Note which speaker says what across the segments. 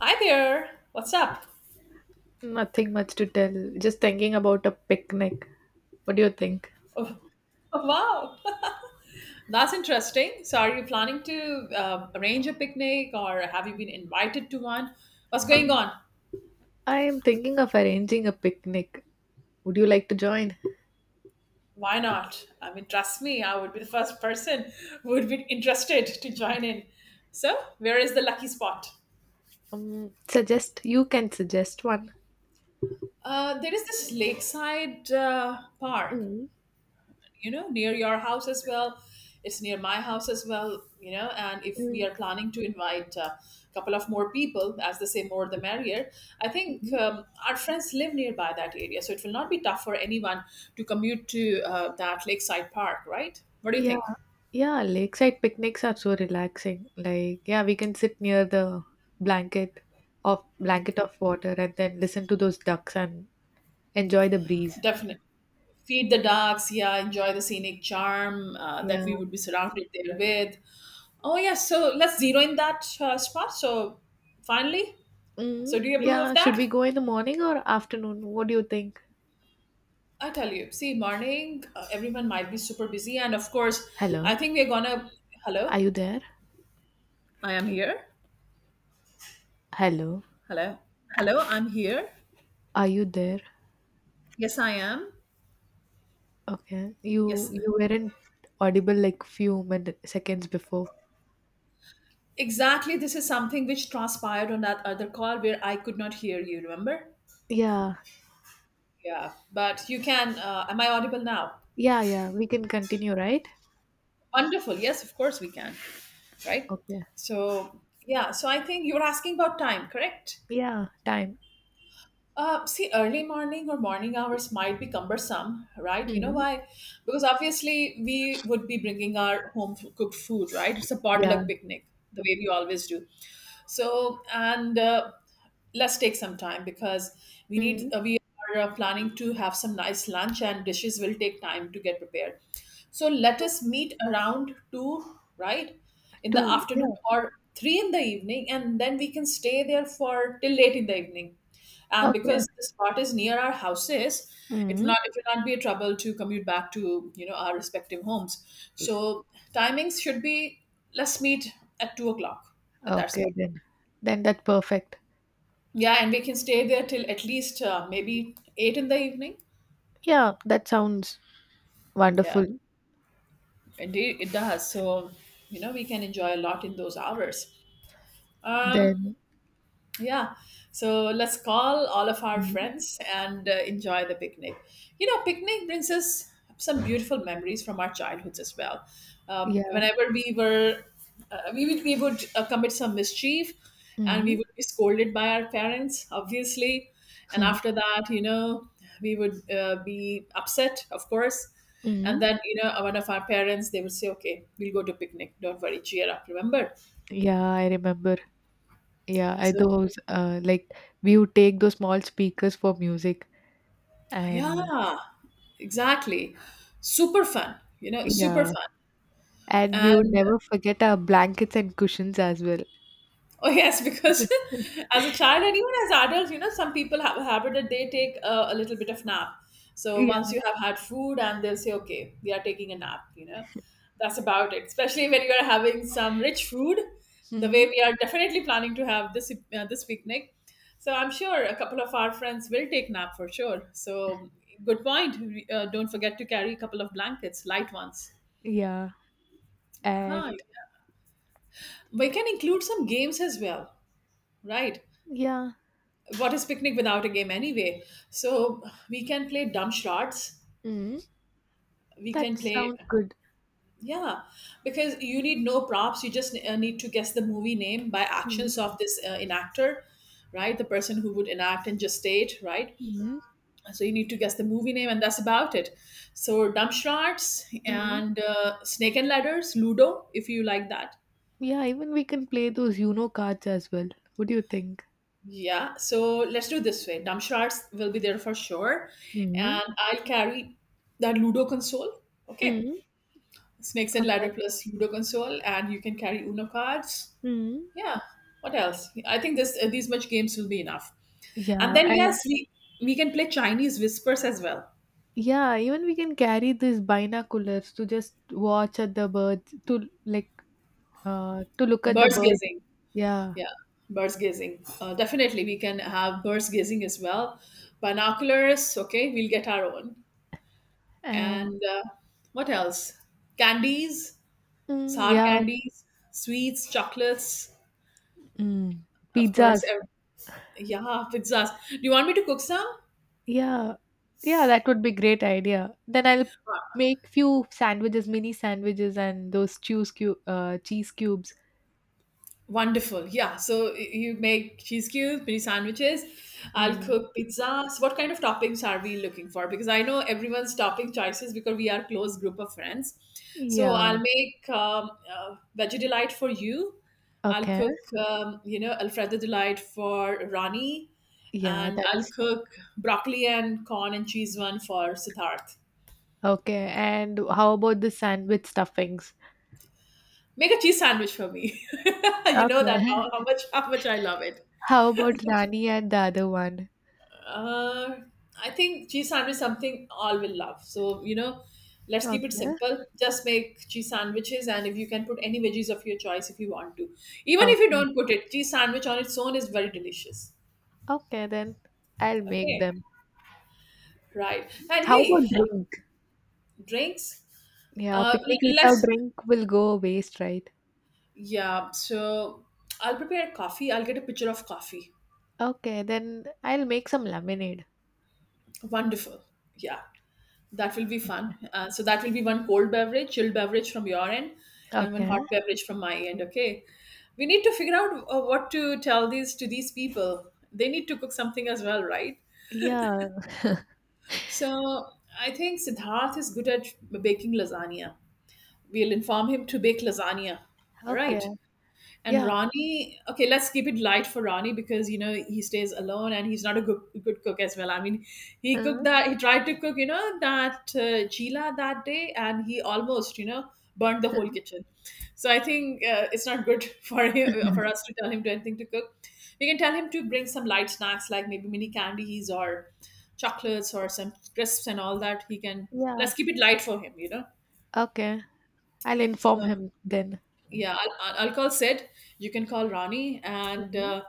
Speaker 1: Hi there. What's up?
Speaker 2: Nothing much to tell. Just thinking about a picnic. What do you think?
Speaker 1: Oh, wow. That's interesting. So, are you planning to arrange a picnic or have you been invited to one? What's going
Speaker 2: Um,
Speaker 1: on?
Speaker 2: I am thinking of arranging a picnic. Would you like to join?
Speaker 1: Why not? I mean, trust me, I would be the first person who would be interested to join in. So, where is the lucky spot?
Speaker 2: Suggest you can suggest one.
Speaker 1: There is this lakeside park.
Speaker 2: Mm,
Speaker 1: You know, near your house as well. It's near my house as well, you know, and if we
Speaker 2: mm,
Speaker 1: are planning to invite a couple of more people, as they say, more the merrier. I think
Speaker 2: mm.
Speaker 1: our friends live nearby that area, so it will not be tough for anyone to commute to that lakeside park, right? What do you
Speaker 2: Yeah,
Speaker 1: think?
Speaker 2: yeah. Lakeside picnics are so relaxing. Like, yeah, we can sit near the blanket blanket of water and then listen to those ducks and enjoy the breeze.
Speaker 1: Definitely. Feed the dogs, yeah, enjoy the scenic charm that
Speaker 2: Yeah.
Speaker 1: we would be surrounded there with. Oh yeah, so let's zero in that spot. So, finally, so
Speaker 2: Mm,
Speaker 1: do you approve of
Speaker 2: yeah. Should
Speaker 1: that?
Speaker 2: we go in the morning or afternoon? What do you think?
Speaker 1: I tell you, see, morning, everyone might be super busy. And of course, I
Speaker 2: Hello.
Speaker 1: think we're gonna. Hello,
Speaker 2: Are you there?
Speaker 1: I am here.
Speaker 2: Hello?
Speaker 1: Hello, hello, I'm here.
Speaker 2: Are you there?
Speaker 1: Yes, I am.
Speaker 2: Okay. You
Speaker 1: Yes,
Speaker 2: you weren't audible like few min seconds before.
Speaker 1: exactly. This is something which transpired on that other call where I could not hear you, remember?
Speaker 2: Yeah.
Speaker 1: Yeah, but you can. Am I audible now?
Speaker 2: Yeah, yeah. We can continue, right?
Speaker 1: Wonderful. Yes, of course we can. Right?
Speaker 2: Okay.
Speaker 1: So, yeah, so I think you were asking about time, correct?
Speaker 2: Yeah. Time.
Speaker 1: See, early morning or morning hours might be cumbersome, right? You know
Speaker 2: Mm-hmm.
Speaker 1: why? Because obviously we would be bringing our home cooked food, right? It's a
Speaker 2: Yeah.
Speaker 1: potluck picnic, the way we always do. So, and let's take some time because we
Speaker 2: Mm-hmm.
Speaker 1: need, we are planning to have some nice lunch, and dishes will take time to get prepared. So, let
Speaker 2: So
Speaker 1: us meet around 2, right, in the
Speaker 2: two.
Speaker 1: afternoon,
Speaker 2: Yeah.
Speaker 1: or 3 in the evening, and then we can stay there for till late in the evening. And
Speaker 2: Okay.
Speaker 1: because the spot is near our houses, it will
Speaker 2: Mm-hmm.
Speaker 1: not it will not be a trouble to commute back to, you know, our respective homes. So, timings should be, let's meet at 2 o'clock at that
Speaker 2: Okay
Speaker 1: spot.
Speaker 2: then. Then that's perfect.
Speaker 1: Yeah, and we can stay there till at least maybe 8 in the evening.
Speaker 2: Yeah, that sounds
Speaker 1: Yeah,
Speaker 2: wonderful.
Speaker 1: indeed, it does. So, you know, we can enjoy a lot in those hours. Um,
Speaker 2: Then.
Speaker 1: Yeah. So, let's call all of our
Speaker 2: Mhm.
Speaker 1: friends and enjoy the picnic. You know, picnic brings us some beautiful memories from our childhoods as well. Um,
Speaker 2: Yeah.
Speaker 1: whenever we were, we would commit some mischief, and we
Speaker 2: Mm-hmm.
Speaker 1: would be scolded by our parents, obviously. And after that, you know, we would be upset, of course. And then, you know, one of our parents, they would say, okay, we'll go to picnic. Don't worry, cheer up, remember?
Speaker 2: Yeah, I remember. Yeah, I
Speaker 1: So,
Speaker 2: those like we would take those small speakers for music and
Speaker 1: yeah, exactly. Super fun, you know, super
Speaker 2: yeah,
Speaker 1: fun.
Speaker 2: and we would
Speaker 1: And
Speaker 2: never forget our blankets and cushions as well.
Speaker 1: oh yes, because as a child and even as adults, you know, some people have a habit that they take a little bit of nap. So, once
Speaker 2: Yeah.
Speaker 1: you have had food, and they'll say, "Okay, we are taking a nap," you know, that's about it. Especially when you are having some rich food, the way
Speaker 2: Mhm.
Speaker 1: we are definitely planning to have this picnic. So I'm sure a couple of our friends will take nap for sure. So, good point. Don't forget to carry a couple of blankets, light ones.
Speaker 2: Yeah.
Speaker 1: Uh-huh.
Speaker 2: And
Speaker 1: We can include some games as well, right?
Speaker 2: yeah.
Speaker 1: What is picnic without a game anyway? So we can play dumb charades.
Speaker 2: Mm.
Speaker 1: We
Speaker 2: That
Speaker 1: can play,
Speaker 2: sounds good.
Speaker 1: yeah, because you need no props. You just need to guess the movie name by
Speaker 2: Mm.
Speaker 1: actions of this enactor, right? The person who would enact and gestate, right?
Speaker 2: Mm.
Speaker 1: So you need to guess the movie name, and that's about it. So, dumb charades
Speaker 2: Mm.
Speaker 1: and snake and ladders, Ludo, if you like that.
Speaker 2: Yeah, even we can play those Uno cards as well. What do you think?
Speaker 1: Yeah, so let's do this way. Dumb shards will be there for sure. And
Speaker 2: Mm.
Speaker 1: I'll carry that Ludo console. Okay.
Speaker 2: Mm.
Speaker 1: Snakes and
Speaker 2: Okay.
Speaker 1: Ladder plus Ludo console, and you can carry Uno cards.
Speaker 2: Mm.
Speaker 1: Yeah. What else? I think this these much games will be enough. And
Speaker 2: Yeah,
Speaker 1: then
Speaker 2: and
Speaker 1: yes, we can play Chinese whispers as well.
Speaker 2: yeah, even we can carry these binoculars to just watch at the birds to look at the
Speaker 1: Birds
Speaker 2: birds.
Speaker 1: gazing.
Speaker 2: Yeah.
Speaker 1: Yeah, birds gazing. Definitely, we can have birds gazing as well. Binoculars, okay, we'll get our own.
Speaker 2: And
Speaker 1: And what else? Candies.
Speaker 2: mm,
Speaker 1: Sour
Speaker 2: yeah,
Speaker 1: candies, sweets, chocolates,
Speaker 2: mm,
Speaker 1: of course.
Speaker 2: pizzas.
Speaker 1: Yeah, pizzas. Do you want me to cook some?
Speaker 2: Yeah. Yeah, that would be great idea. Then I'll make few sandwiches, mini sandwiches and those cheese cubes.
Speaker 1: Wonderful. Yeah. So you make cheese cubes, mini sandwiches. I'll
Speaker 2: Mm.
Speaker 1: cook pizzas. What kind of toppings are we looking for? Because I know everyone's topping choices because we are close group of friends. So, I'll
Speaker 2: Yeah.
Speaker 1: make veggie delight for you. I'll
Speaker 2: Okay.
Speaker 1: cook, you know, Alfredo delight for Ronnie,
Speaker 2: Yeah,
Speaker 1: and I'll
Speaker 2: that's
Speaker 1: cook broccoli and corn and cheese one for Siddharth.
Speaker 2: okay. And how about the sandwich stuffings?
Speaker 1: Make a cheese sandwich for me. You know that
Speaker 2: Okay.
Speaker 1: how, how much I love it.
Speaker 2: How about Rani and the other one?
Speaker 1: Uh, I think cheese sandwich is something all will love. So, you know, let's keep it
Speaker 2: Okay.
Speaker 1: simple. Just make cheese sandwiches, and if you can put any veggies of your choice if you want to, even if you
Speaker 2: Okay.
Speaker 1: don't put it, cheese sandwich on its own is very delicious.
Speaker 2: Okay, then I'll make
Speaker 1: Okay,
Speaker 2: them.
Speaker 1: right. And
Speaker 2: How
Speaker 1: hey,
Speaker 2: about drinks?
Speaker 1: drinks.
Speaker 2: Yeah, picnic without
Speaker 1: Let's,
Speaker 2: drink will go waste, right?
Speaker 1: yeah. So, I'll prepare coffee. I'll get a pitcher of coffee.
Speaker 2: Okay, then I'll make some lemonade.
Speaker 1: Wonderful. Yeah. That will be fun. So that will be one cold beverage, chilled beverage from your end, and one hot
Speaker 2: Okay.
Speaker 1: beverage from my end. Okay, we need to figure out what to tell these to these people. They need to cook something as well, right?
Speaker 2: Yeah.
Speaker 1: So, I think Siddharth is good at baking lasagna. We'll inform him to bake lasagna. All
Speaker 2: Okay.
Speaker 1: right. And
Speaker 2: Yeah.
Speaker 1: Ronnie, okay, let's keep it light for Ronnie because you know he stays alone and he's not a good cook as well. I mean, he cooked
Speaker 2: Huh?
Speaker 1: that he tried to cook, you know, that chila that day, and he almost, you know, burned the whole kitchen. So I think it's not good for him for us to tell him to anything to cook. We can tell him to bring some light snacks, like maybe mini candies or
Speaker 2: Y-
Speaker 1: chocolates or some crisps and all that. He can,
Speaker 2: Yeah.
Speaker 1: let's keep it light for him, you know.
Speaker 2: Okay. I'll inform
Speaker 1: So.
Speaker 2: him then.
Speaker 1: Yeah, I'll call Sid. You can call Ronnie and
Speaker 2: Mhm.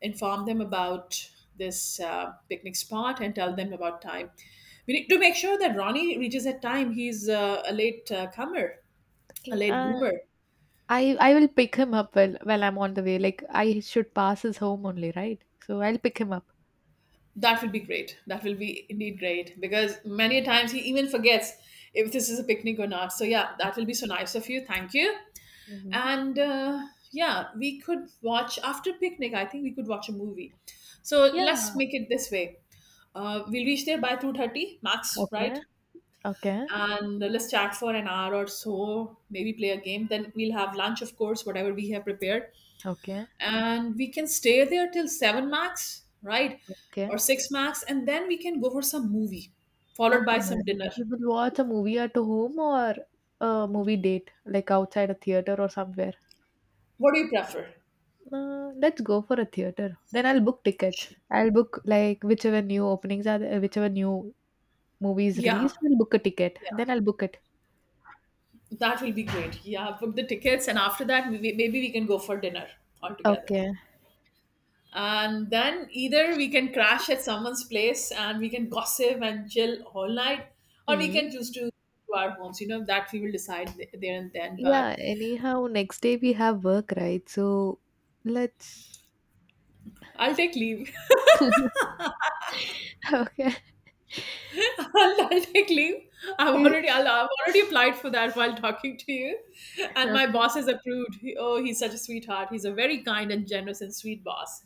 Speaker 1: inform them about this picnic spot and tell them about time. We need to make sure that Ronnie reaches at time. He's a late comer, a
Speaker 2: Y-
Speaker 1: late
Speaker 2: Uh,
Speaker 1: boomer.
Speaker 2: I will pick him up while I'm on the way. Like I should pass his home only, right? So I'll pick him up.
Speaker 1: That will be great. That will be indeed great because many a times he even forgets if this is a picnic or not. So yeah, that will be so nice of you. Thank you.
Speaker 2: Hmm.
Speaker 1: And yeah, we could watch after picnic. I think we could watch a movie. So,
Speaker 2: Yeah.
Speaker 1: let's make it this way. We'll reach there by 2:30 max, right?
Speaker 2: Okay. Okay.
Speaker 1: And let's chat for an hour or so, maybe play a game, then we'll have lunch, of course, whatever we have prepared,
Speaker 2: Okay.
Speaker 1: and we can stay there till 7 max, right?
Speaker 2: Okay.
Speaker 1: Or 6 max, and then we can go for some movie followed by
Speaker 2: Okay.
Speaker 1: some
Speaker 2: Like,
Speaker 1: dinner.
Speaker 2: you would watch a movie at home or a movie date, like outside a theater or somewhere.
Speaker 1: What do you prefer?
Speaker 2: Let's go for a theater. Then I'll book tickets. I'll book like whichever new openings are there, whichever new movies is
Speaker 1: Yeah, yeah.
Speaker 2: released, I'll book a ticket. Then I'll book it.
Speaker 1: That will be great. Yeah, book the tickets, and after that, maybe we can go for dinner all together.
Speaker 2: Okay.
Speaker 1: And then either we can crash at someone's place and we can gossip and chill all night, or we
Speaker 2: Mm.
Speaker 1: can choose to our homes. You know that we will decide there and then. But
Speaker 2: Yeah, anyhow, next day we have work, right? So let's.
Speaker 1: I'll take leave.
Speaker 2: Okay.
Speaker 1: I'll take leave. I've already I'll, I've already applied for that while talking to you, and my
Speaker 2: Okay.
Speaker 1: boss has approved. Oh, he's such a sweetheart. He's a very kind and generous and sweet boss.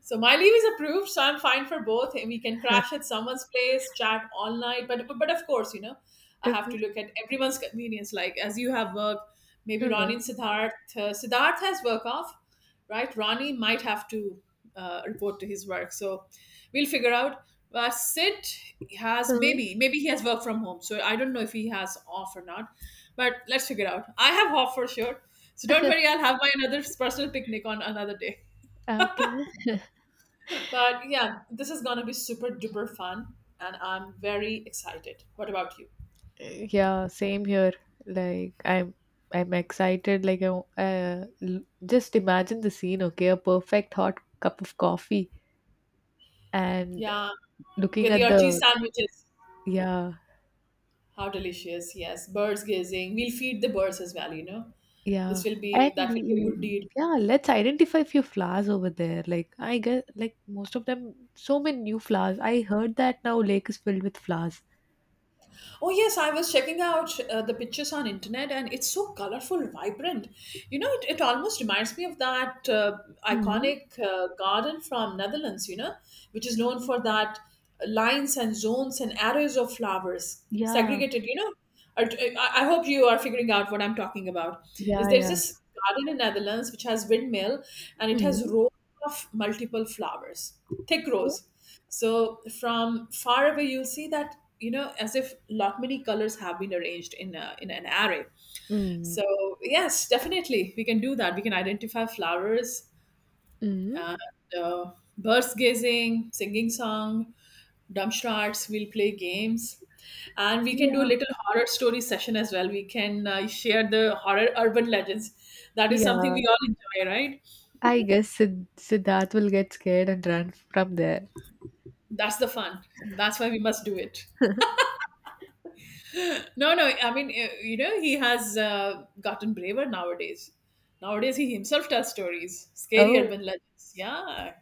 Speaker 1: So my leave is approved, so I'm fine for both. We can crash at someone's place, chat all night, but of course, you know, I have to look at everyone's convenience. Like as you have work, maybe Ronnie
Speaker 2: Mhm.
Speaker 1: and Siddharth. Siddharth has work off, right? Ronnie might have to report to his work, so we'll figure out. Sid has
Speaker 2: Uh, uh,
Speaker 1: maybe he has work from home, so I don't know if he has off or not, but let's figure out. I have off for sure, so don't worry. I'll have my another personal picnic on another day.
Speaker 2: Okay.
Speaker 1: But yeah, this is gonna be super duper fun, and I'm very excited. What about you?
Speaker 2: Yeah, same here. Like, I'm excited. Like, just imagine the scene. Okay, a perfect hot cup of coffee and
Speaker 1: Yeah,
Speaker 2: looking
Speaker 1: with
Speaker 2: at
Speaker 1: your cheese
Speaker 2: the.
Speaker 1: sandwiches.
Speaker 2: Yeah,
Speaker 1: How delicious! Yes, birds gazing. We'll feed the birds as well. You know,
Speaker 2: yeah.
Speaker 1: this will be
Speaker 2: And
Speaker 1: that will be a good deed.
Speaker 2: let's identify a few flowers over there, like, I guess, like, most of them. So many new flowers. I heard that now lake is filled with flowers.
Speaker 1: Oh yes, I was checking out the pictures on internet, and it's so colorful, vibrant. You know, it almost reminds me of that
Speaker 2: Hmm.
Speaker 1: iconic garden from Netherlands. Which is known for that lines and zones and arrows of flowers
Speaker 2: Yeah,
Speaker 1: segregated. You know, Or- I I hope you are figuring out what I'm talking about. Is
Speaker 2: yeah,
Speaker 1: there's
Speaker 2: yeah.
Speaker 1: this garden in Netherlands which has windmill, and it has
Speaker 2: Hmm.
Speaker 1: rows of multiple flowers, thick
Speaker 2: Yeah.
Speaker 1: rows. So from far away, you'll see that, you know, as if lot many colors have been arranged in an array.
Speaker 2: Mm,
Speaker 1: So yes, definitely we can do that. We can identify flowers
Speaker 2: mm,
Speaker 1: and uh, birds gazing, singing song, dumpstarts. We'll play games, and we can do a
Speaker 2: yeah,
Speaker 1: little horror story session as well. We can share the horror urban legends. That is something
Speaker 2: yeah.
Speaker 1: we all enjoy, right?
Speaker 2: I guess Siddharth will get scared and run from there.
Speaker 1: That's the fun. That's why we must do it. No, no. He has gotten braver nowadays. Nowadays, he himself tells stories, scary
Speaker 2: Oh,
Speaker 1: urban legends. Yeah.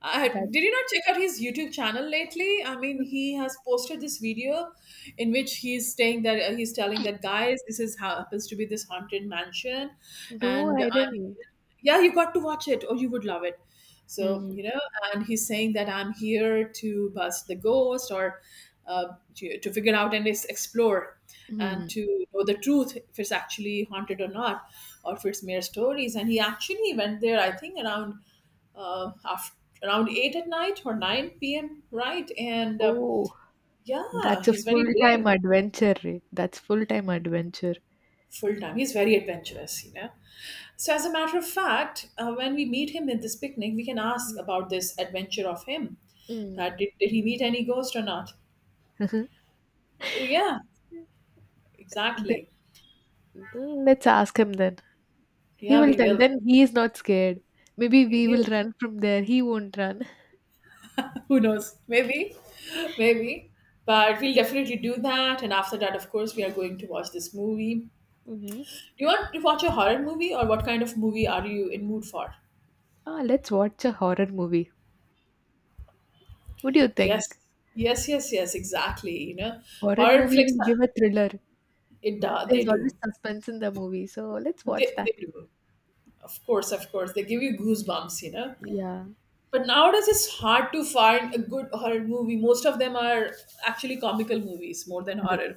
Speaker 2: that.
Speaker 1: Did you not check out his YouTube channel lately? I mean, he has posted this video in which he's saying that he's telling that, guys, this is how happens to be this haunted mansion,
Speaker 2: No,
Speaker 1: and
Speaker 2: I
Speaker 1: I'm
Speaker 2: didn't.
Speaker 1: yeah, you got to watch it or you would love it. So
Speaker 2: Hmm.
Speaker 1: you know, and he's saying that I'm here to bust the ghost or to figure out and explore and
Speaker 2: Hmm.
Speaker 1: to know the truth if it's actually haunted or not or if it's mere stories. And he actually went there, I think, around uh, after, around 8 at night or 9 p.m., right? And
Speaker 2: Oh,
Speaker 1: yeah,
Speaker 2: that's a
Speaker 1: he's very
Speaker 2: full
Speaker 1: brave
Speaker 2: time adventure. Ray. That's full time adventure.
Speaker 1: full time. He's very adventurous, you know. So, as a matter of fact, when we meet him in this picnic, we can ask about this adventure of him,
Speaker 2: Mm.
Speaker 1: that did he meet any ghost or not?
Speaker 2: Th-
Speaker 1: Yeah, exactly.
Speaker 2: Let's ask him then. He
Speaker 1: Yeah,
Speaker 2: will
Speaker 1: we
Speaker 2: tell.
Speaker 1: will.
Speaker 2: Then he is not scared. Maybe we
Speaker 1: He,
Speaker 2: will run from there. He won't run.
Speaker 1: who knows? Maybe, maybe. But we'll definitely do that. And after that, of course, we are going to watch this movie.
Speaker 2: Mm-hmm.
Speaker 1: Do you want to watch a horror movie or what kind of movie are you in mood for?
Speaker 2: Ah, let's watch a horror movie. What do you think?
Speaker 1: Yes. Yes, yes, yes, exactly. You know,
Speaker 2: Horror
Speaker 1: horror
Speaker 2: movie
Speaker 1: flicks,
Speaker 2: will give a thriller.
Speaker 1: they
Speaker 2: There's always
Speaker 1: do.
Speaker 2: suspense in the movie, so let's watch
Speaker 1: They
Speaker 2: that.
Speaker 1: do. Of course, of course. They give you goosebumps, you know.
Speaker 2: Yeah.
Speaker 1: But nowadays it's hard to find a good horror movie. Most of them are actually comical movies more than horror.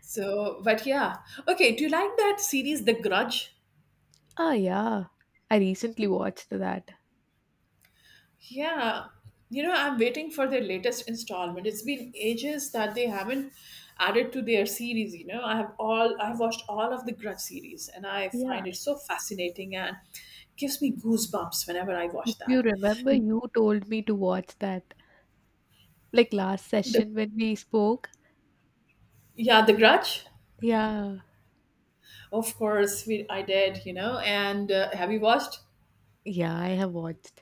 Speaker 1: So, but yeah. Okay, do you like that series, The Grudge?
Speaker 2: Ah, yeah. I recently watched that.
Speaker 1: Yeah, you know, I'm waiting for their latest installment. It's been ages that they haven't added to their series, you know. I've watched all of the Grudge series and I
Speaker 2: Yeah.
Speaker 1: find it so fascinating and gives me goosebumps whenever I watch
Speaker 2: If you
Speaker 1: that.
Speaker 2: remember, you told me to watch that, like last
Speaker 1: The,
Speaker 2: session when we spoke.
Speaker 1: yeah, The Grudge.
Speaker 2: Yeah.
Speaker 1: Of course, I did, you know. And have you watched?
Speaker 2: Yeah, I have watched.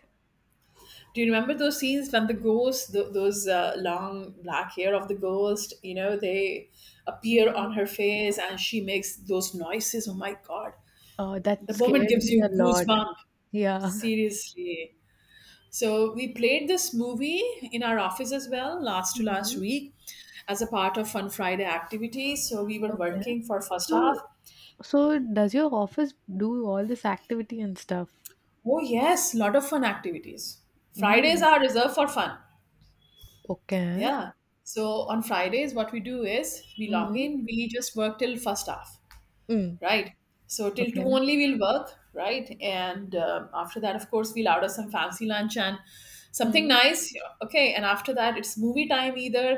Speaker 1: Do you remember those scenes when the ghost, those long black hair of the ghost, you know, they appear on
Speaker 2: Mhm.
Speaker 1: her face and she makes those noises? Oh my God.
Speaker 2: Oh, that
Speaker 1: The moment
Speaker 2: scared
Speaker 1: gives
Speaker 2: me
Speaker 1: you
Speaker 2: a lot.
Speaker 1: goosebump,
Speaker 2: Yeah.
Speaker 1: seriously. So we played this movie in our office as well last to last
Speaker 2: Mhm.
Speaker 1: week as a part of Fun Friday activities. So we were
Speaker 2: Okay.
Speaker 1: working for first half.
Speaker 2: So, so does your office do all this activity and stuff?
Speaker 1: Oh yes, lot of fun activities. Fridays
Speaker 2: Mm.
Speaker 1: are reserved for fun.
Speaker 2: Okay.
Speaker 1: Yeah. So on Fridays, what we do is we log
Speaker 2: Mm.
Speaker 1: in, we just work till first half,
Speaker 2: Mm.
Speaker 1: right? So till two
Speaker 2: Okay.
Speaker 1: only we'll work, right? And after that, of course, we'll order some fancy lunch and something
Speaker 2: Mm.
Speaker 1: nice, okay? And after that, it's movie time, either,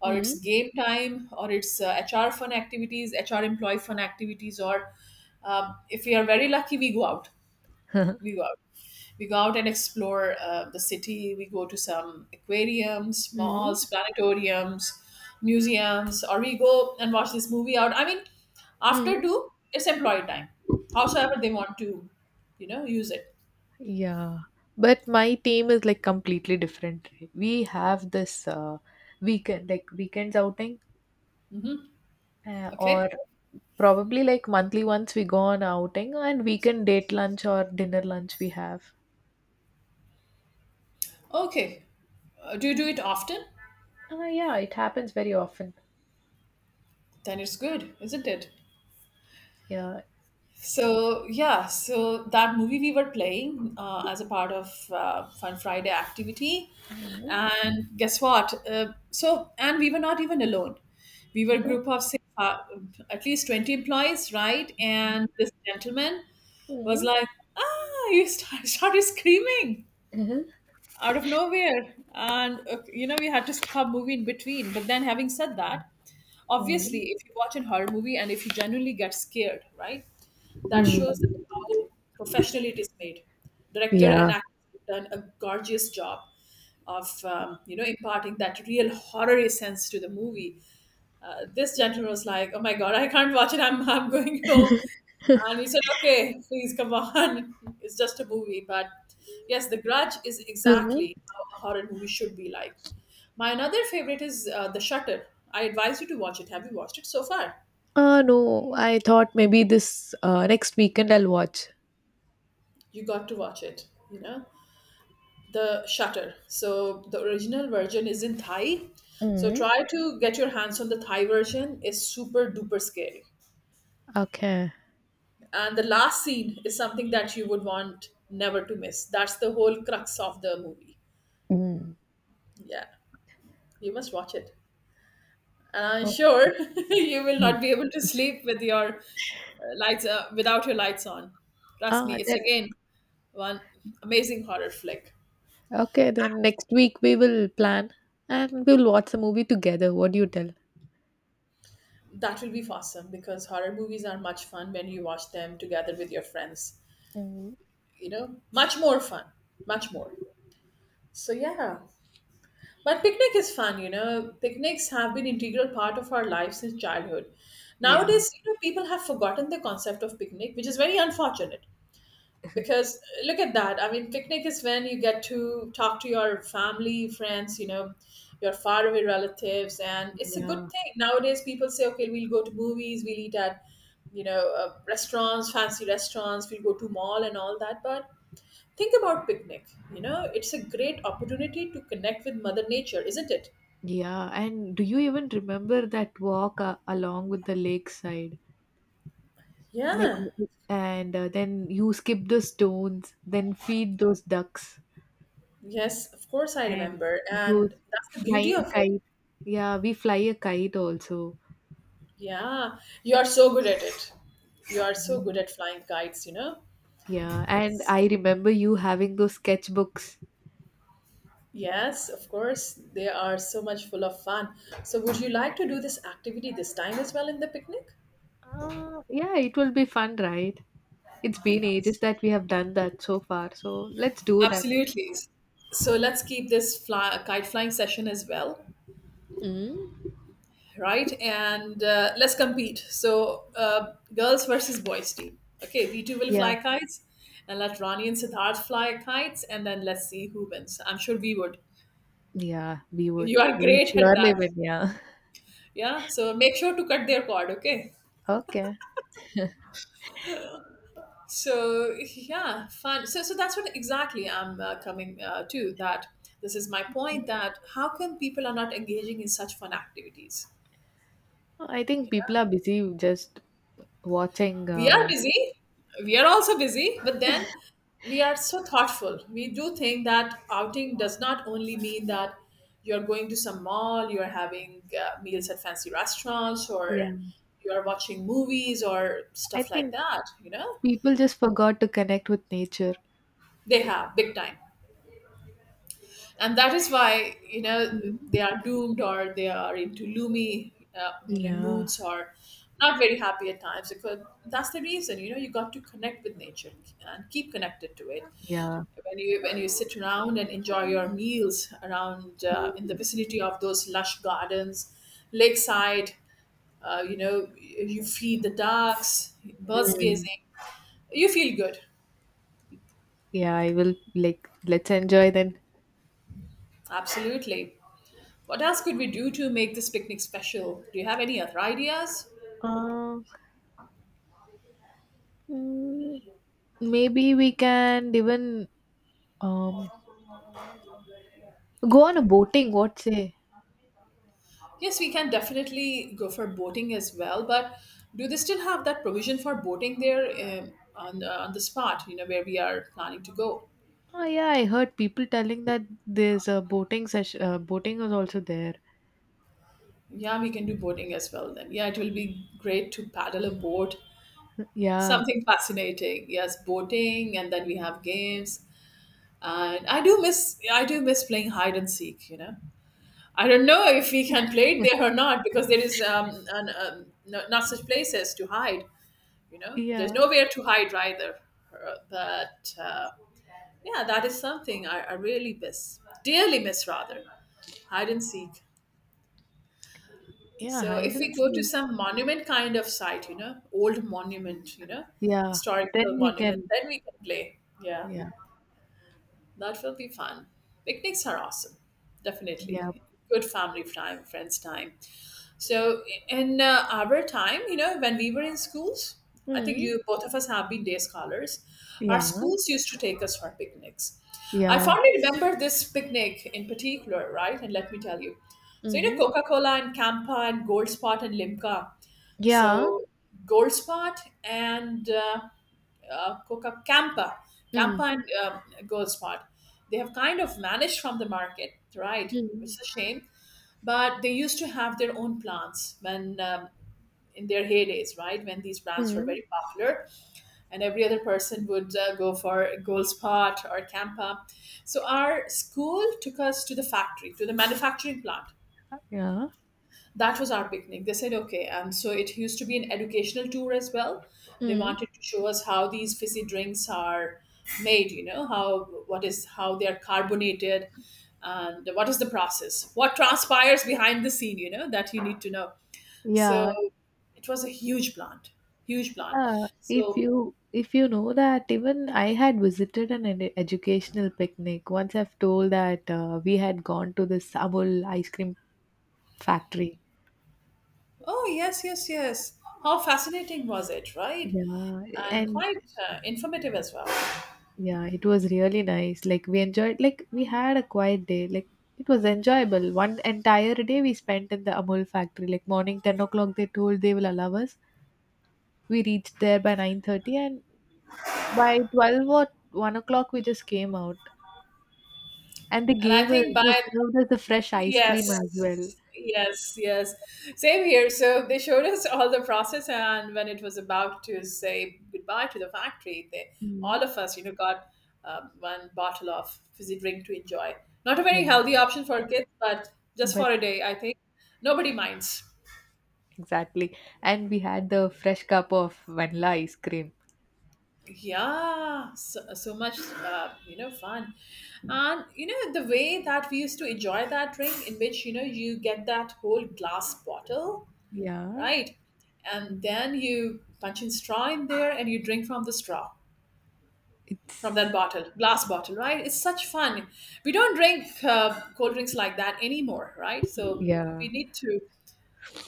Speaker 1: or
Speaker 2: Mm.
Speaker 1: it's game time, or it's HR fun activities, HR employee fun activities, or if we are very lucky, we go out, we go out we go out and explore the city. We go to some aquariums,
Speaker 2: Mm.
Speaker 1: malls, planetariums, museums, or we go and watch this movie out. I mean, after
Speaker 2: Mm.
Speaker 1: two, it's employee time, howsoever they want to, you know, use it.
Speaker 2: Yeah, but my team is like completely different. We have this weekend, like weekends outing, or
Speaker 1: Okay.
Speaker 2: probably like monthly once we go on outing, and weekend date lunch or dinner lunch we have.
Speaker 1: Okay. Do you do it often?
Speaker 2: Yeah, it happens very often.
Speaker 1: Then it's good, isn't it?
Speaker 2: Yeah.
Speaker 1: So yeah, so that movie we were playing as a part of Fun Friday activity,
Speaker 2: Mm,
Speaker 1: and guess what? And we were not even alone. We were a
Speaker 2: that-
Speaker 1: group of, say, at least 20 employees, right? And this gentleman was
Speaker 2: mm,
Speaker 1: like, "Ah!" You start, started screaming
Speaker 2: mhm,
Speaker 1: out of nowhere, and you know, we had to stop movie in between. But then, having said that, obviously,
Speaker 2: mm,
Speaker 1: if you watch a horror movie and if you genuinely get scared, right, that shows
Speaker 2: mm.
Speaker 1: how professionally it is made. Director and
Speaker 2: Yeah.
Speaker 1: actor have done a gorgeous job of you know, imparting that real horror sense to the movie. This gentleman was like, "Oh my god, I can't watch it. I'm going home." And we said, okay, please come on. It's just a movie. But yes, The Grudge is
Speaker 2: Mhm.
Speaker 1: exactly how a horror movie should be like. My another favorite is The Shutter. I advise you to watch it. Have you watched it so far?
Speaker 2: No, I thought maybe this next weekend I'll watch.
Speaker 1: You got to watch it, you know? The Shutter. So the original version is in Thai. So
Speaker 2: Mm.
Speaker 1: try to get your hands on the Thai version. It's super duper scary.
Speaker 2: Okay.
Speaker 1: And the last scene is something that you would want never to miss. That's the whole crux of the movie.
Speaker 2: Mm.
Speaker 1: Yeah, you must watch it.
Speaker 2: Oh.
Speaker 1: Sure, you will
Speaker 2: Mm.
Speaker 1: not be able to sleep with your lights without your lights on. Trust me,
Speaker 2: Ah,
Speaker 1: it's
Speaker 2: that
Speaker 1: again one amazing horror flick.
Speaker 2: Okay, then next week we will plan and we'll watch a movie together. What do you tell?
Speaker 1: That will be awesome because horror movies are much fun when you watch them together with your friends.
Speaker 2: Mm,
Speaker 1: You know, much more fun, much more. So yeah, but picnic is fun. You know, picnics have been integral part of our life since childhood.
Speaker 2: yeah,
Speaker 1: Nowadays, you know, people have forgotten the concept of picnic, which is very unfortunate. Because look at that, I mean, picnic is when you get to talk to your family, friends, you know, your faraway relatives. And it's a good
Speaker 2: yeah,
Speaker 1: thing, nowadays people say, okay, we'll go to movies, we'll eat at, you know, restaurants, fancy restaurants, we'll go to mall and all that. But think about picnic, you know, it's a great opportunity to connect with mother nature, isn't it?
Speaker 2: yeah. And do you even remember that walk along with the lakeside? Like,
Speaker 1: Yeah,
Speaker 2: and then you skip the stones, then feed those ducks
Speaker 1: yes, of course, I
Speaker 2: and
Speaker 1: remember, and
Speaker 2: those
Speaker 1: that's the beauty of
Speaker 2: flying
Speaker 1: it.
Speaker 2: kite. Yeah, we fly a kite also.
Speaker 1: Yeah, you are so good at it. You are so good
Speaker 2: Mhm.
Speaker 1: at flying kites, you know?
Speaker 2: Yeah, and I remember you having those sketchbooks.
Speaker 1: Yes, of course. They are so much full of fun. So, would you like to do this activity this time as well in the picnic?
Speaker 2: Yeah, it will be fun, right? It's been ages that we have done that so far, so let's do that.
Speaker 1: Absolutely. So, let's keep this kite flying session as well,
Speaker 2: Mm.
Speaker 1: right? And let's compete. So, girls versus boys team. Okay, we two will
Speaker 2: Yeah,
Speaker 1: fly kites, and let Rani and Siddharth fly kites, and then let's see who wins. I'm sure we would.
Speaker 2: yeah, we would.
Speaker 1: You are
Speaker 2: We will
Speaker 1: great at
Speaker 2: surely
Speaker 1: that.
Speaker 2: win. Yeah.
Speaker 1: Yeah, so make sure to cut their cord, okay?
Speaker 2: Okay.
Speaker 1: So yeah, fun. So that's what exactly I'm coming to that. This is my point, that how come people are not engaging in such fun activities?
Speaker 2: I think
Speaker 1: You know,
Speaker 2: people are busy just watching.
Speaker 1: we are busy, we are also busy, but then we are so thoughtful. We do think that outing does not only mean that you're going to some mall, you're having meals at fancy restaurants, or
Speaker 2: Yeah.
Speaker 1: you're watching movies or
Speaker 2: I
Speaker 1: stuff like
Speaker 2: think
Speaker 1: that, you know.
Speaker 2: people just forgot to connect with nature.
Speaker 1: They have, big time. And that is why, you know,
Speaker 2: Mm.
Speaker 1: they are doomed, or they are into gloomy you know,
Speaker 2: Yeah.
Speaker 1: moods, or not very happy at times, because that's the reason, you know, you got to connect with nature and keep connected to it.
Speaker 2: Yeah.
Speaker 1: When you sit around and enjoy your meals around in the vicinity of those lush gardens, lakeside, you know, you feed the ducks, birds
Speaker 2: Mm.
Speaker 1: gazing, you feel good.
Speaker 2: Yeah. I will like. Let's enjoy then.
Speaker 1: Absolutely. What else could we do to make this picnic special? Do you have any other ideas?
Speaker 2: Uh, mm, Maybe we can even um go on a boating. What say?
Speaker 1: Yes, we can definitely go for boating as well, but do they still have that provision for boating there, on the spot, you know, where we are planning to go?
Speaker 2: Oh yeah, I heard people telling that there's a boating session. Boating was also there.
Speaker 1: Yeah, we can do boating as well then. Yeah, it will be great to paddle a boat.
Speaker 2: Yeah,
Speaker 1: Something fascinating. Yes, boating, and then we have games. And I do miss playing hide and seek, you know. I don't know if we can play it there or not because there is no, not such places to hide. You know, there's
Speaker 2: yeah,
Speaker 1: nowhere to hide either. But yeah, that is something I really miss, dearly miss rather, hide and seek.
Speaker 2: yeah.
Speaker 1: So
Speaker 2: Hide
Speaker 1: if
Speaker 2: and
Speaker 1: we go to
Speaker 2: seek.
Speaker 1: some monument kind of site, you know, old monument, you know,
Speaker 2: Yeah,
Speaker 1: historical
Speaker 2: then we
Speaker 1: monument,
Speaker 2: can.
Speaker 1: then we can play. Yeah.
Speaker 2: Yeah,
Speaker 1: That will be fun. Picnics are awesome.
Speaker 2: yeah.
Speaker 1: Definitely. Good family time, friends time. So in our time, you know, when we were in schools, I think
Speaker 2: Mm,
Speaker 1: you both of us have been day scholars. Our
Speaker 2: yeah,
Speaker 1: schools used to take us for picnics. I
Speaker 2: yeah,
Speaker 1: fondly remember this picnic in particular, right? And let me tell you. So
Speaker 2: mm,
Speaker 1: Coca Cola and Campa and Gold Spot and Limca.
Speaker 2: yeah,
Speaker 1: So Gold Spot and coca up Campa
Speaker 2: mm,
Speaker 1: and Gold Spot. They have kind of vanished from the market, right?
Speaker 2: mm,
Speaker 1: It's a shame. But they used to have their own plants when in their heydays, right? When these brands were
Speaker 2: mm,
Speaker 1: very popular, and every other person would go for Gold Spot or Campa. So our school took us to the factory, to the manufacturing plant.
Speaker 2: yeah,
Speaker 1: That was our picnic, they said. Okay. And so it used to be an educational tour as well. They
Speaker 2: mm.
Speaker 1: wanted to show us how these fizzy drinks are made you know how What is, how they are carbonated and what is the process, what transpires behind the scene, that you need to know. So
Speaker 2: Yeah,
Speaker 1: it was a huge plant. Huge plant.
Speaker 2: yeah. If
Speaker 1: So
Speaker 2: you if you know that, even I had visited an educational picnic. Once I've told that we had gone to this Amul ice cream factory.
Speaker 1: oh yes, yes, yes, how fascinating was it, right?
Speaker 2: Yeah,
Speaker 1: And
Speaker 2: and
Speaker 1: quite informative as well.
Speaker 2: yeah, it was really nice. Like we enjoyed, like we had a quiet day. Like it was enjoyable. One entire day we spent in the Amul factory. Like morning 10 o'clock, they told they will allow us. We reached there by 9:30, and by 12 or 1 o'clock we just came out. And they
Speaker 1: And I
Speaker 2: gave us,
Speaker 1: think by
Speaker 2: they served us the fresh ice cream as well.
Speaker 1: Yes, yes, yes. Same here. So they showed us all the process, and when it was about to say goodbye to the factory, they,
Speaker 2: Hmm.
Speaker 1: all of us, got one bottle of fizzy drink to enjoy. Not a
Speaker 2: Yeah,
Speaker 1: very healthy option for kids, but just
Speaker 2: but
Speaker 1: for a day, I think nobody minds.
Speaker 2: exactly. And we had the fresh cup of vanilla ice cream.
Speaker 1: Yeah, so, so much, fun. And the way that we used to enjoy that drink, in which you get that whole glass bottle,
Speaker 2: Yeah,
Speaker 1: right? And then you punch in straw in there and you drink from the straw, from that
Speaker 2: it's
Speaker 1: bottle, glass bottle, right? It's such fun. We don't drink cold drinks like that anymore, right? So
Speaker 2: yeah,
Speaker 1: we need to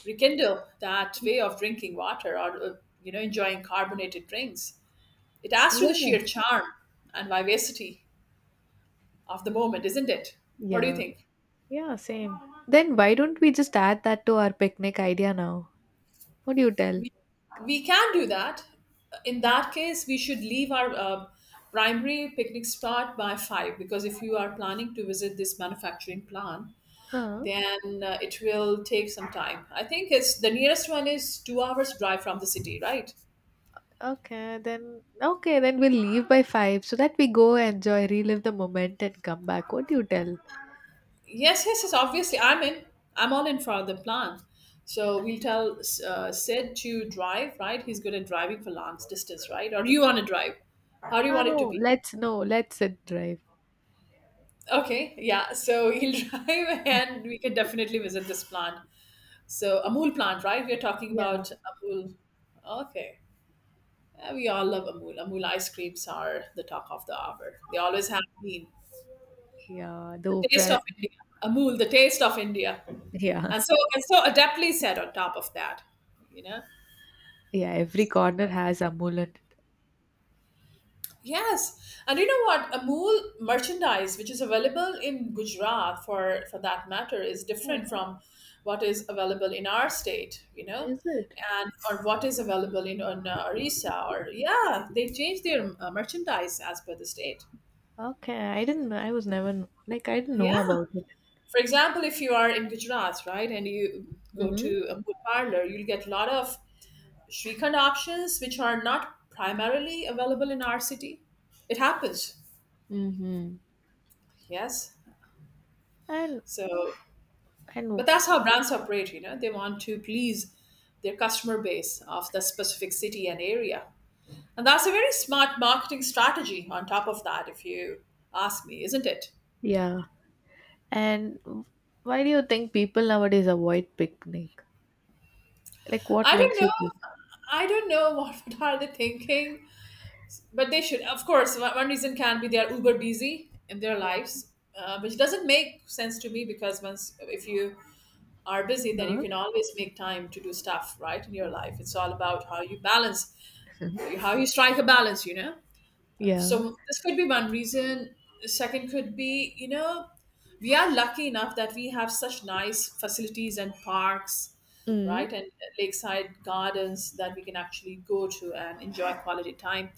Speaker 1: rekindle that way of drinking water or enjoying carbonated drinks. It adds to the
Speaker 2: yeah,
Speaker 1: sheer charm and vivacity of the moment, isn't it? What do you
Speaker 2: yeah.
Speaker 1: think?
Speaker 2: Yeah, same. Then why don't we just add that to our picnic idea now? What do you tell?
Speaker 1: We can do that. In that case, we should leave our primary picnic spot by five, because if you are planning to visit this manufacturing plant,
Speaker 2: Huh?
Speaker 1: then it will take some time. I think it's, the nearest one is 2 hours drive from the city, right?
Speaker 2: Okay, then we'll leave by five so that we go enjoy, relive the moment and come back. What do you tell?
Speaker 1: Yes, yes, yes. Obviously, I'm in. I'm all in for the plan. So we'll tell Sid to drive, right? He's good at driving for long distance, right? Or do you want to drive? How do you
Speaker 2: Ah,
Speaker 1: want it to
Speaker 2: no,
Speaker 1: be?
Speaker 2: let's, no, let's sit drive.
Speaker 1: Okay, yeah. So he'll drive, and we can definitely visit this plant. So Amul plant, right? We're talking
Speaker 2: Yeah.
Speaker 1: about Amul. Okay. Yeah, we all love Amul. Amul ice creams are the talk of the hour. They always have been
Speaker 2: Yeah, the
Speaker 1: the taste
Speaker 2: Oprah.
Speaker 1: of India. Amul, the taste of India,
Speaker 2: Yeah,
Speaker 1: and so adeptly said on top of that, you know.
Speaker 2: yeah. Every corner has Amul in.
Speaker 1: Yes, and you know what? Amul merchandise, which is available in Gujarat, for that matter, is different
Speaker 2: Oh,
Speaker 1: from what is available in our state.
Speaker 2: is it?
Speaker 1: And or what is available in on Orissa or, yeah, they change their merchandise as per the state.
Speaker 2: Okay, I didn't. I was never like I didn't know
Speaker 1: Yeah.
Speaker 2: about it.
Speaker 1: For example, if you are in Gujarat, right, and you go to
Speaker 2: Mm-hmm.
Speaker 1: a food parlor, you'll get a lot of Srikhand options, which are not primarily available in our city. It happens.
Speaker 2: Mm-hmm.
Speaker 1: Yes.
Speaker 2: And
Speaker 1: So
Speaker 2: and
Speaker 1: But that's how brands operate. They want to please their customer base of the specific city and area. And that's a very smart marketing strategy on top of that, if you ask me, isn't it?
Speaker 2: yeah. And why do you think people nowadays avoid picnic? Like, what
Speaker 1: I don't
Speaker 2: makes you
Speaker 1: know.
Speaker 2: think?
Speaker 1: I don't know what, what are they thinking, but they should. Of course, one reason can be they are uber busy in their lives, which doesn't make sense to me, because once, if you are busy, then you
Speaker 2: Huh?
Speaker 1: can always make time to do stuff right in your life. It's all about how you balance, how you strike a balance, you know.
Speaker 2: Yeah.
Speaker 1: so this could be one reason. The Second could be, we are lucky enough that we have such nice facilities and parks,
Speaker 2: Mm.
Speaker 1: right, and lakeside gardens that we can actually go to and enjoy quality time.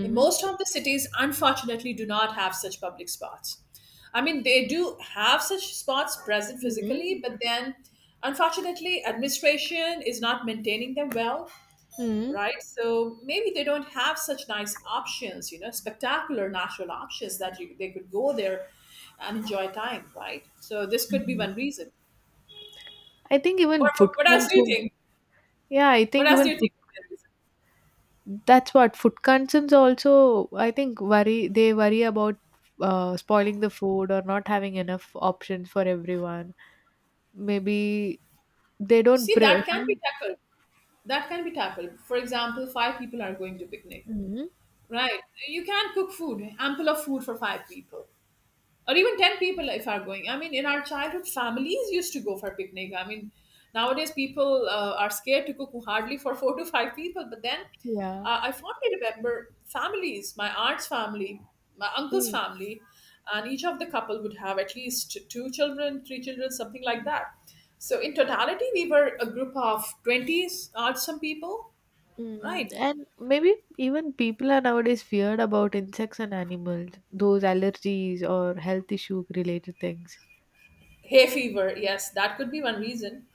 Speaker 1: But most of the cities, unfortunately, do not have such public spots. I mean, they do have such spots present physically,
Speaker 2: Mm.
Speaker 1: but then, unfortunately, administration is not maintaining them well,
Speaker 2: Mm.
Speaker 1: right? So maybe they don't have such nice options, spectacular natural options that they could go there and enjoy time, right? So this could be
Speaker 2: Mm.
Speaker 1: one reason.
Speaker 2: I think even
Speaker 1: What,
Speaker 2: food
Speaker 1: what else do you
Speaker 2: consumption.
Speaker 1: think?
Speaker 2: Yeah, I
Speaker 1: What
Speaker 2: think
Speaker 1: else do
Speaker 2: even
Speaker 1: you
Speaker 2: food,
Speaker 1: think is the reason?
Speaker 2: that's what food concerns also. I think worry they worry about spoiling the food or not having enough options for everyone. Maybe they don't.
Speaker 1: See, that can be
Speaker 2: Some.
Speaker 1: tackled. That can be tackled. For example, five people are going to picnic,
Speaker 2: Mm.
Speaker 1: right? You can cook food, ample of food for five people, or even 10 people, if are going. I mean, in our childhood, families used to go for picnic. I mean, nowadays people are scared to cook hardly for four to five people. But then,
Speaker 2: Yeah.
Speaker 1: I fondly remember families, my aunt's family, my uncle's family, and each of the couple would have at least two children, three children, something like that. So in totality, we were a group of 20s odd some people,
Speaker 2: Mm,
Speaker 1: right.
Speaker 2: and maybe even people are nowadays feared about insects and animals, those allergies or health issue related things.
Speaker 1: Hay fever, yes, that could be one reason.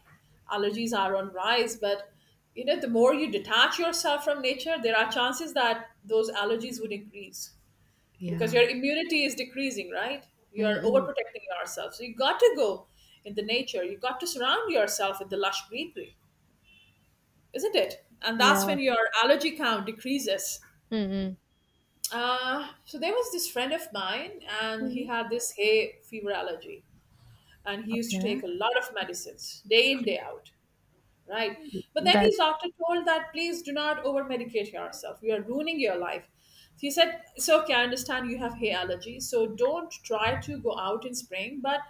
Speaker 1: Allergies are on rise, but the more you detach yourself from nature, there are chances that those allergies would increase, because
Speaker 2: Yeah.
Speaker 1: your immunity is decreasing, right? You are
Speaker 2: Mm-mm.
Speaker 1: overprotecting yourself. So you got to go in the nature. You got to surround yourself with the lush greenery, isn't it? And that's
Speaker 2: Yeah.
Speaker 1: when your allergy count decreases.
Speaker 2: Mm-mm.
Speaker 1: So there was this friend of mine, and he
Speaker 2: Mhm.
Speaker 1: had this hay fever allergy, and he used to
Speaker 2: Okay.
Speaker 1: take a lot of medicines day in day out, right? But then
Speaker 2: That.
Speaker 1: he's doctor told that, please do not over medicate yourself. You are ruining your life. He said, It's okay, I understand you have hay allergy, so don't try to go out in spring. But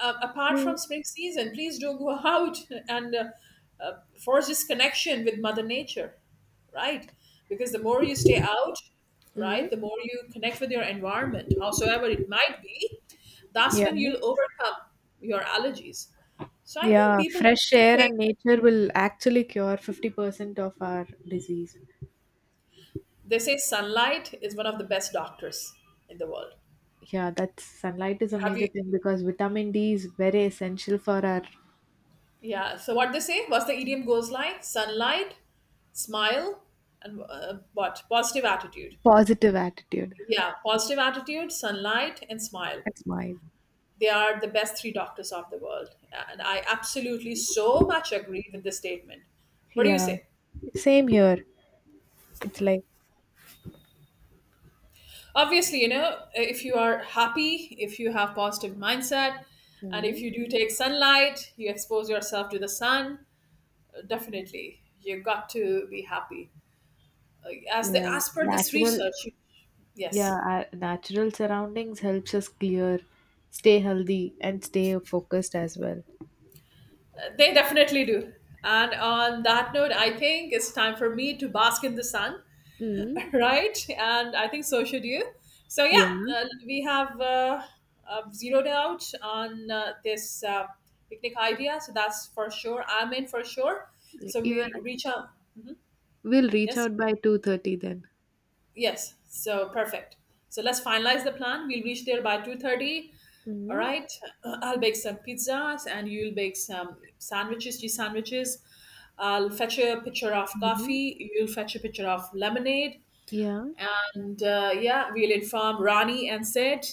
Speaker 1: apart from
Speaker 2: Mhm.
Speaker 1: spring season, please don't go out and force this connection with Mother Nature, right? Because the more you stay out, right,
Speaker 2: Mhm.
Speaker 1: the more you connect with your environment, howsoever it might be, that's
Speaker 2: Yeah.
Speaker 1: when you'll overcome your allergies. So I think
Speaker 2: Yeah.
Speaker 1: people need
Speaker 2: Fresh
Speaker 1: to
Speaker 2: air
Speaker 1: think.
Speaker 2: and nature will actually cure 50% of our disease.
Speaker 1: They say sunlight is one of the best doctors in the world.
Speaker 2: Yeah. That's sunlight is a
Speaker 1: Have you?
Speaker 2: major thing because vitamin D is very essential for our
Speaker 1: Yeah. So what they say? What's the idiom goes like? Sunlight, smile, and what? Positive attitude.
Speaker 2: positive attitude.
Speaker 1: Yeah, positive attitude, sunlight, and smile.
Speaker 2: That's mine.
Speaker 1: They are the best three doctors of the world, and I absolutely so much agree with this statement. What do you
Speaker 2: Yeah.
Speaker 1: say?
Speaker 2: Same here. It's like.
Speaker 1: Obviously, if you are happy, if you have positive mindset, and if
Speaker 2: Hmm.
Speaker 1: you do take sunlight, you expose yourself to the sun, definitely, you got to be happy. As they,
Speaker 2: Yeah,
Speaker 1: as per this
Speaker 2: natural
Speaker 1: research,
Speaker 2: yeah,
Speaker 1: yes,
Speaker 2: natural surroundings helps us clear, stay healthy and stay focused as well.
Speaker 1: they definitely do. And on that note, I think it's time for me to bask in the sun,
Speaker 2: Mm.
Speaker 1: right? And I think so should you. So yeah,
Speaker 2: Yeah,
Speaker 1: we have zeroed out on this picnic idea. So that's for sure. I'm in for sure. So
Speaker 2: even
Speaker 1: we'll reach out.
Speaker 2: we'll reach
Speaker 1: Yes.
Speaker 2: out by 2:30 then.
Speaker 1: Yes. So perfect. So let's finalize the plan. We'll reach there by 2:30. All
Speaker 2: Mm.
Speaker 1: right. I'll bake some pizzas and you'll bake some sandwiches, cheese sandwiches. I'll fetch a pitcher of
Speaker 2: Mhm.
Speaker 1: coffee. You'll fetch a pitcher of lemonade.
Speaker 2: Yeah.
Speaker 1: And yeah, we'll inform Rani and Sid.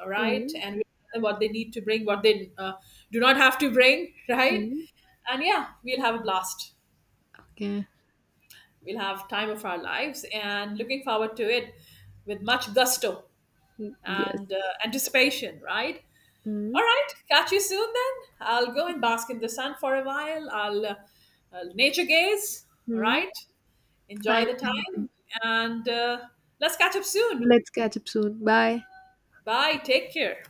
Speaker 1: All right.
Speaker 2: Mm.
Speaker 1: And we'll tell them what they need to bring, what they do not have to bring. Right.
Speaker 2: Mhm.
Speaker 1: And yeah, we'll have a blast.
Speaker 2: Okay.
Speaker 1: We'll have time of our lives and looking forward to it with much gusto
Speaker 2: Mm. Yes.
Speaker 1: and anticipation, right? All
Speaker 2: Mm.
Speaker 1: right, catch you soon then. I'll go and bask in the sun for a while. I'll nature gaze, all
Speaker 2: Mm.
Speaker 1: right? Enjoy the
Speaker 2: Fine.
Speaker 1: time and let's catch up soon.
Speaker 2: Let's catch up soon. Bye.
Speaker 1: Bye, take care.